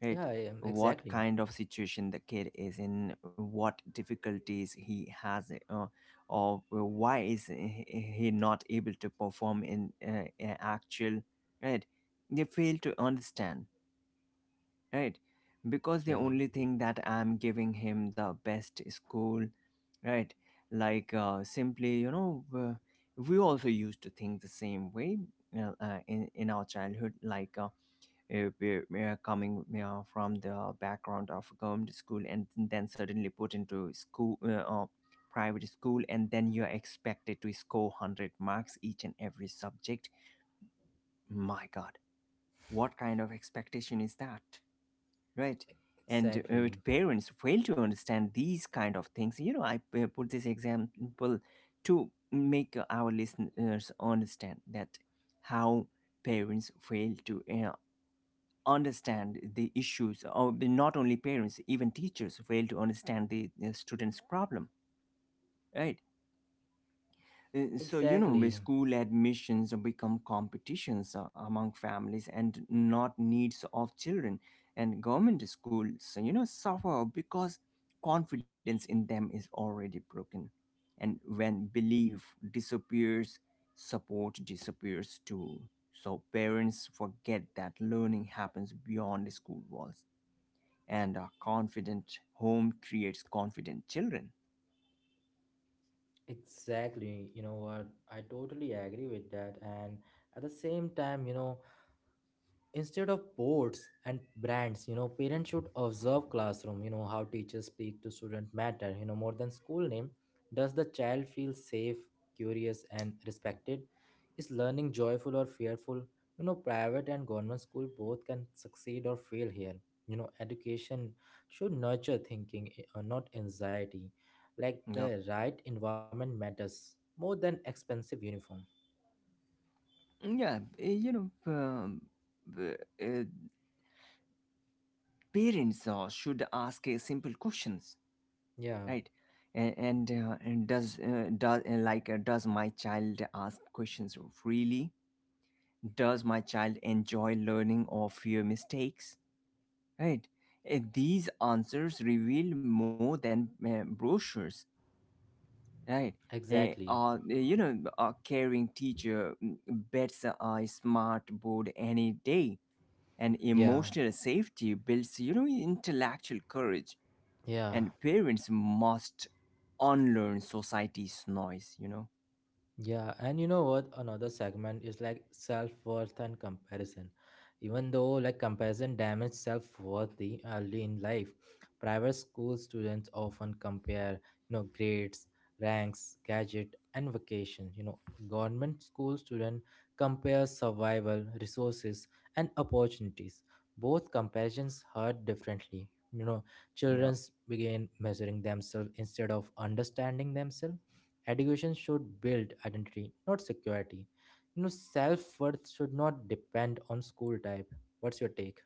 Speaker 2: right.
Speaker 1: Yeah, yeah,
Speaker 2: What
Speaker 1: exactly.
Speaker 2: kind of situation the kid is in, what difficulties he has, or why is he not able to perform in a actual, right. They fail to understand, right, because they
Speaker 1: Yeah,
Speaker 2: only think that I'm giving him the best school, right. Like simply, you know, we also used to think the same way, in our childhood, like, coming from the background of government school and then suddenly put into school, private school, and then you're expected to score 100 marks each and every subject. My god, what kind of expectation is that, right? And
Speaker 1: exactly.
Speaker 2: with parents fail to understand these kind of things, you know, I put this example to make our listeners understand that how parents fail to understand the issues or not only parents, even teachers fail to understand the students problem, right. So you know the
Speaker 1: Exactly.
Speaker 2: school admissions become competitions among families and not needs of children, and government schools, you know, suffer because confidence in them is already broken. And when belief disappears, support disappears too. So parents forget that learning happens beyond the school walls, and a confident home creates confident children.
Speaker 1: Exactly, you know what? I totally agree with that. And at the same time, you know, instead of boards and brands, you know, parents should observe classroom. You know, how teachers speak to student matter, you know, more than school name. Does the child feel safe, curious and respected? Is learning joyful or fearful? You know, private and government school both can succeed or fail here. You know, education should nurture thinking, not anxiety. Like
Speaker 2: Yep.
Speaker 1: the right environment matters more than expensive uniform.
Speaker 2: Yeah, you know, b- uh, parents should ask simple questions,
Speaker 1: Yeah,
Speaker 2: right. And does does my child ask questions freely, does my child enjoy learning or fear mistakes, right. These answers reveal more than brochures. Right.
Speaker 1: exactly.
Speaker 2: You know, a caring teacher bets a smart board any day, and
Speaker 1: Yeah.
Speaker 2: emotional safety builds, you know, intellectual courage.
Speaker 1: Yeah.
Speaker 2: And parents must unlearn society's noise. You know.
Speaker 1: Yeah, and you know what? Another segment is like self-worth and comparison. Even though like comparison damages self-worth early in life, private school students often compare, you know, grades, ranks, gadget, and vacation. You know, government school student compare survival, resources, and opportunities. Both comparisons hurt differently. You know, children
Speaker 2: Yeah.
Speaker 1: begin measuring themselves instead of understanding themselves. Education should build identity, not security. You know, self worth should not depend on school type. What's your take?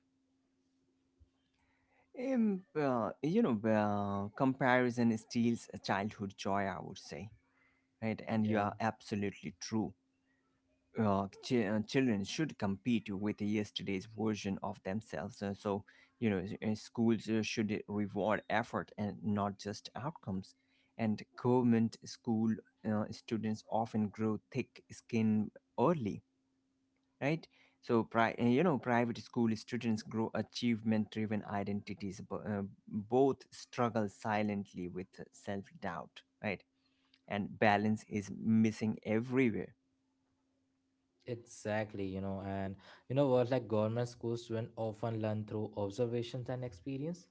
Speaker 2: You know, comparison steals a childhood joy, I would say, right? And you
Speaker 1: Yeah,
Speaker 2: are absolutely true. Children should compete with yesterday's version of themselves. So, you know, schools should reward effort and not just outcomes. And government school students often grow thick skin early, right? So, you know, private school students grow achievement driven identities, both struggle silently with self doubt, right? And balance is missing everywhere.
Speaker 1: exactly. You know, and you know what, like government school students often learn through observations and experience.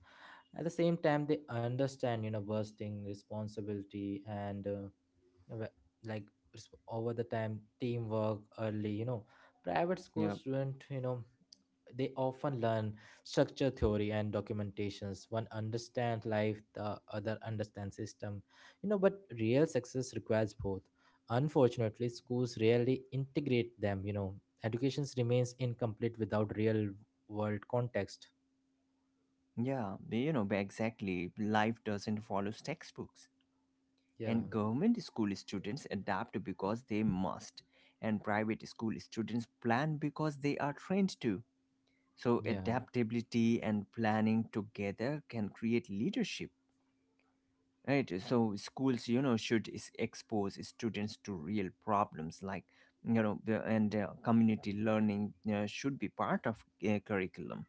Speaker 1: At the same time, they understand, you know, bursting responsibility and w- like over the time teamwork early. You know, private school
Speaker 2: Yeah.
Speaker 1: student, you know, they often learn structure theory and documentations. One understands life, the other understands system. You know, but real success requires both. Unfortunately schools rarely integrate them, you know. Education remains incomplete without real world context.
Speaker 2: Yeah, you know, exactly. Life doesn't follow textbooks.
Speaker 1: Yeah.
Speaker 2: And government school students adapt because they must. And private school students plan because they are trained to. So,
Speaker 1: Yeah.
Speaker 2: adaptability and planning together can create leadership. Right? So, schools, you know, expose students to real problems, like, you know, and community learning should be part of curriculum,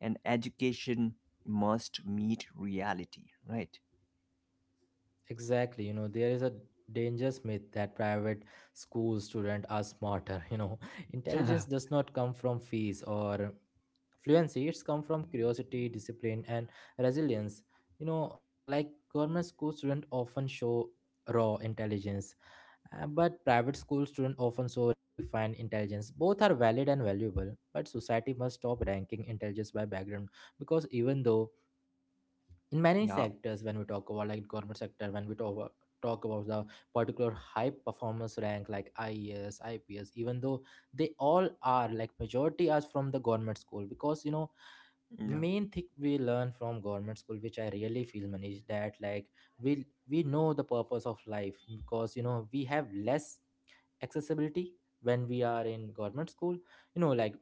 Speaker 2: and education must meet reality, right.
Speaker 1: Exactly, you know, there is a dangerous myth that private school students are smarter. You know, intelligence
Speaker 2: Yeah.
Speaker 1: does not come from fees or fluency, it's come from curiosity, discipline, and resilience. You know, like government school students often show raw intelligence, but private school students often show refined intelligence. Both are valid and valuable, but society must stop ranking intelligence by background, because even though in many
Speaker 2: Yeah.
Speaker 1: sectors, when we talk about like government sector, when we talk about the particular high performance rank like IES, even though they all are like majority are from the government school, because you know, main thing we learn from government school, which I really feel, Manish, that like we know the purpose of life, because you know, we have less accessibility when we are in government school. You know, like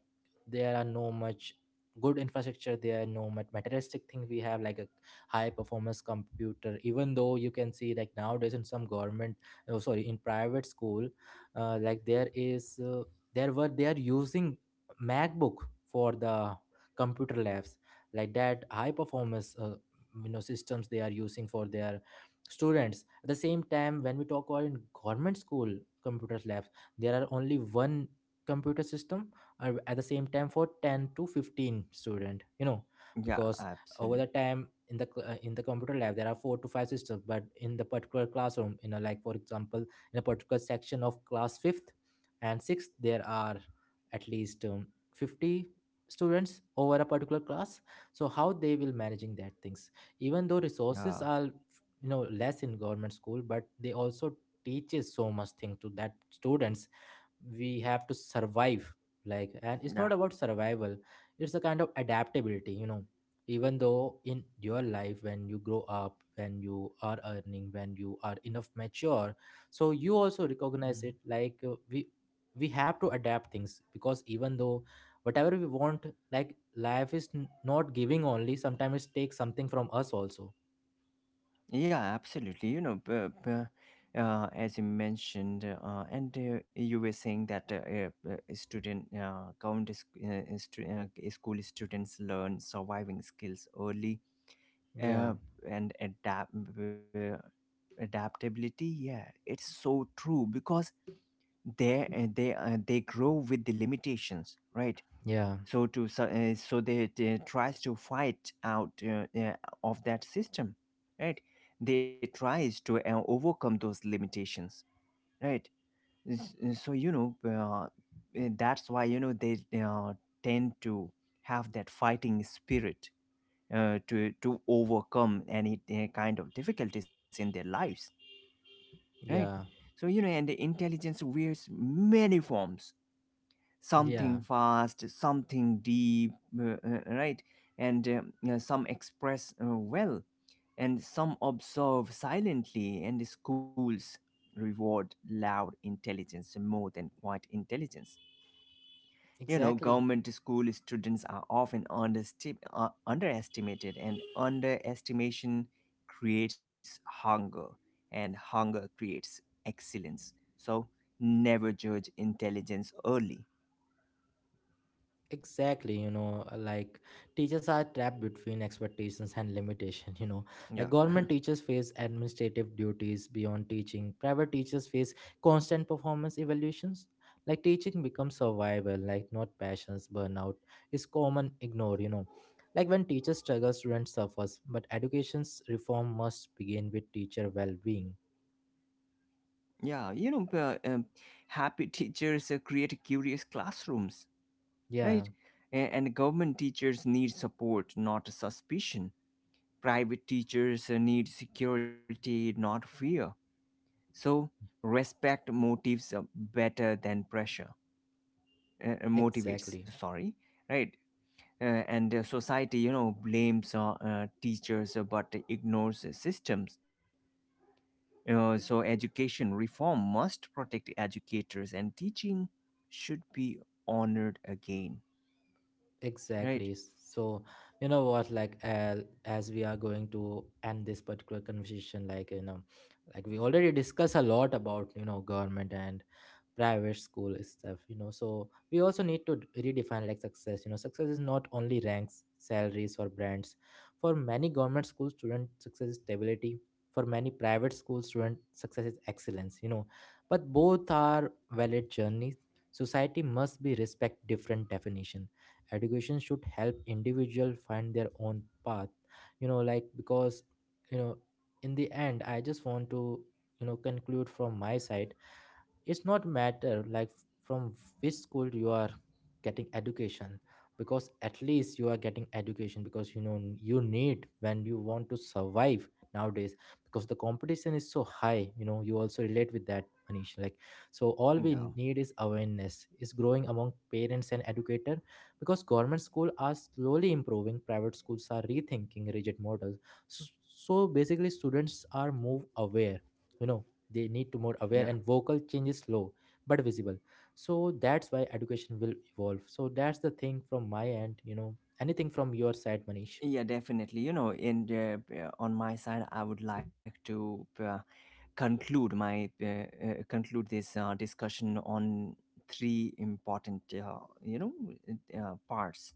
Speaker 1: there are no much good infrastructure there, no much materialistic thing we have, like a high performance computer. Even though you can see like nowadays in some government, oh, sorry, in private school, like there is there were they are using MacBook for the computer labs, like that high performance you know systems they are using for their students. At the same time when we talk about in government school computers labs, there are only one computer system at the same time for 10 to 15 student, you know,
Speaker 2: Yeah,
Speaker 1: because over the
Speaker 2: absolutely.
Speaker 1: time in the in the computer lab there are 4 to 5 systems, but in the particular classroom, you know, like for example, in a particular section of class fifth and sixth there are at least 50 students over a particular class. So how they will managing that things, even though resources
Speaker 2: Yeah.
Speaker 1: are, you know, less in government school, but they also teaches so much thing to that students. We have to survive, like, and it's not
Speaker 2: Yeah.
Speaker 1: about survival, it's a kind of adaptability, you know. Even though in your life when you grow up, when you are earning, when you are enough mature, so you also recognize it,
Speaker 2: Mhm.
Speaker 1: like we have to adapt things, because even though whatever we want, like life is not giving only, sometimes it takes something from us also.
Speaker 2: Yeah, absolutely, you know, as you mentioned, and you were saying that student count is, school students learn surviving skills early,
Speaker 1: Yeah.
Speaker 2: uh, and adapt. Adaptability, yeah, it's so true, because they they grow with the limitations, right.
Speaker 1: Yeah.
Speaker 2: So they tries to fight out of that system, right. They tries to overcome those limitations, right. So you know, that's why you know they tend to have that fighting spirit to overcome any kind of difficulties in their lives, right.
Speaker 1: Yeah,
Speaker 2: So you know, and the intelligence wears many forms,
Speaker 1: yeah,
Speaker 2: something fast, something deep, right? And some express well, and some observe silently, and the schools reward loud intelligence more than quiet intelligence. You know,
Speaker 1: exactly.
Speaker 2: government school students are often underestimated, and underestimation creates hunger, and hunger creates excellence. So, never judge intelligence early.
Speaker 1: Exactly, you know, like teachers are trapped between expectations and limitation, you know. Like
Speaker 2: Yeah.
Speaker 1: government teachers face administrative duties beyond teaching. Private teachers face constant performance evaluations. Like teaching becomes survival, like not passions, burnout is common ignored, you know. Like when teachers struggle, students suffers, but education's reform must begin with teacher well-being.
Speaker 2: Yeah, you know, happy teachers create curious classrooms,
Speaker 1: Yeah,
Speaker 2: right? And government teachers need support, not suspicion. Private teachers need security, not fear. So, respect motives better than pressure. Motivates,
Speaker 1: exactly.
Speaker 2: sorry, right? And Society, you know, blames teachers but ignores systems. So education reform must protect educators, and teaching should be honored again, right.
Speaker 1: Exactly. So, you know what, like, as we are going to end this particular conversation, like, you know, like we already discuss a lot about, you know, government and private school stuff, you know. So we also need to redefine like success. You know, success is not only ranks, salaries or brands. For many government school student, success is stability. For many private school student, success is excellence, you know. But both are valid journeys. Society must be respect different definition. Education should help individual find their own path. You know, like because, you know, in the end I just want to, you know, conclude from my side. It's not matter like from which school you are getting education, because at least you are getting education. Because you know, you need when you want to survive nowadays, because the competition is so high, you know. You also relate with that, Manish, like. So all
Speaker 2: Yeah.
Speaker 1: we need is awareness is growing among parents and educator, because government school are slowly improving, private schools are rethinking rigid models. So so basically students are move aware, you know, they need to more
Speaker 2: Yeah,
Speaker 1: aware and vocal. Change is slow but visible, so that's why education will evolve. So that's the thing from my end, you know. Anything from your side, Manish?
Speaker 2: yeah definitely, you know, and on my side I would like to conclude this discussion on three important you know parts.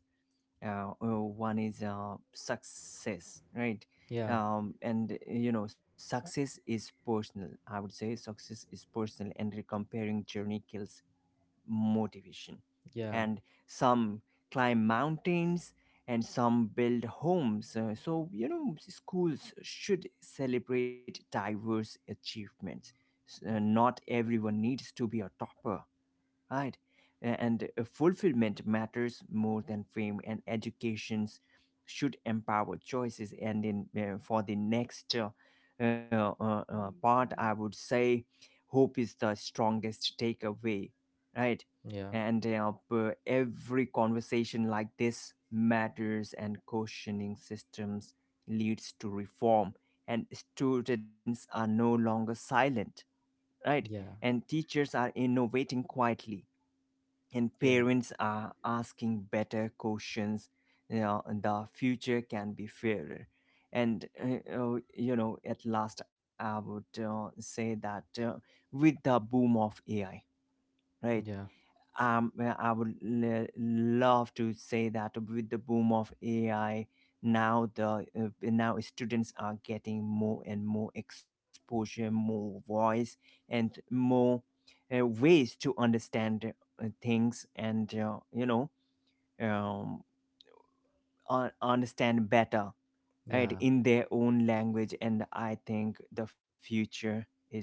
Speaker 2: One is success, right.
Speaker 1: Yeah.
Speaker 2: And you know success is personal, I would say success is personal, and comparing journey kills motivation.
Speaker 1: Yeah.
Speaker 2: And some climb mountains and some build homes. So you know schools should celebrate diverse achievements. Not everyone needs to be a topper, right? And fulfillment matters more than fame, and educations should empower choices. And in for the next part, I would say hope is the strongest takeaway, right?
Speaker 1: Yeah.
Speaker 2: And every conversation like this matters, and questioning systems leads to reform. And students are no longer silent, right?
Speaker 1: Yeah.
Speaker 2: And teachers are innovating quietly, and
Speaker 1: Yeah.
Speaker 2: parents are asking better questions, you know, and the future can be fairer. And you know, at last I would say that with the boom of AI, right.
Speaker 1: Yeah.
Speaker 2: Well, I would love to say that with the boom of AI, now the now students are getting more and more exposure, more voice, and more ways to understand things, and you know, um, understand better, right,
Speaker 1: Yeah.
Speaker 2: in their own language. And I think the future is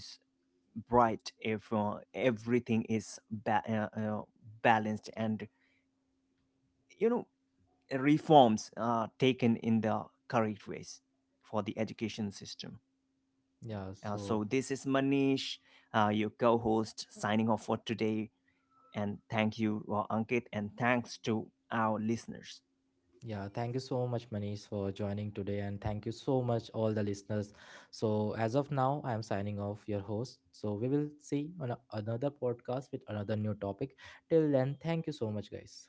Speaker 2: bright if everything is balanced, and you know reforms taken in the correct ways for the education system.
Speaker 1: Yeah.
Speaker 2: So this
Speaker 1: So
Speaker 2: is Manish, your co-host, signing off for today. And thank you, Ankit, and thanks to our listeners.
Speaker 1: yeah, thank you so much Manish for joining today, and thank you so much all the listeners. So as of now I am signing off your host, so we will see on another podcast with another new topic. Till then thank you so much guys.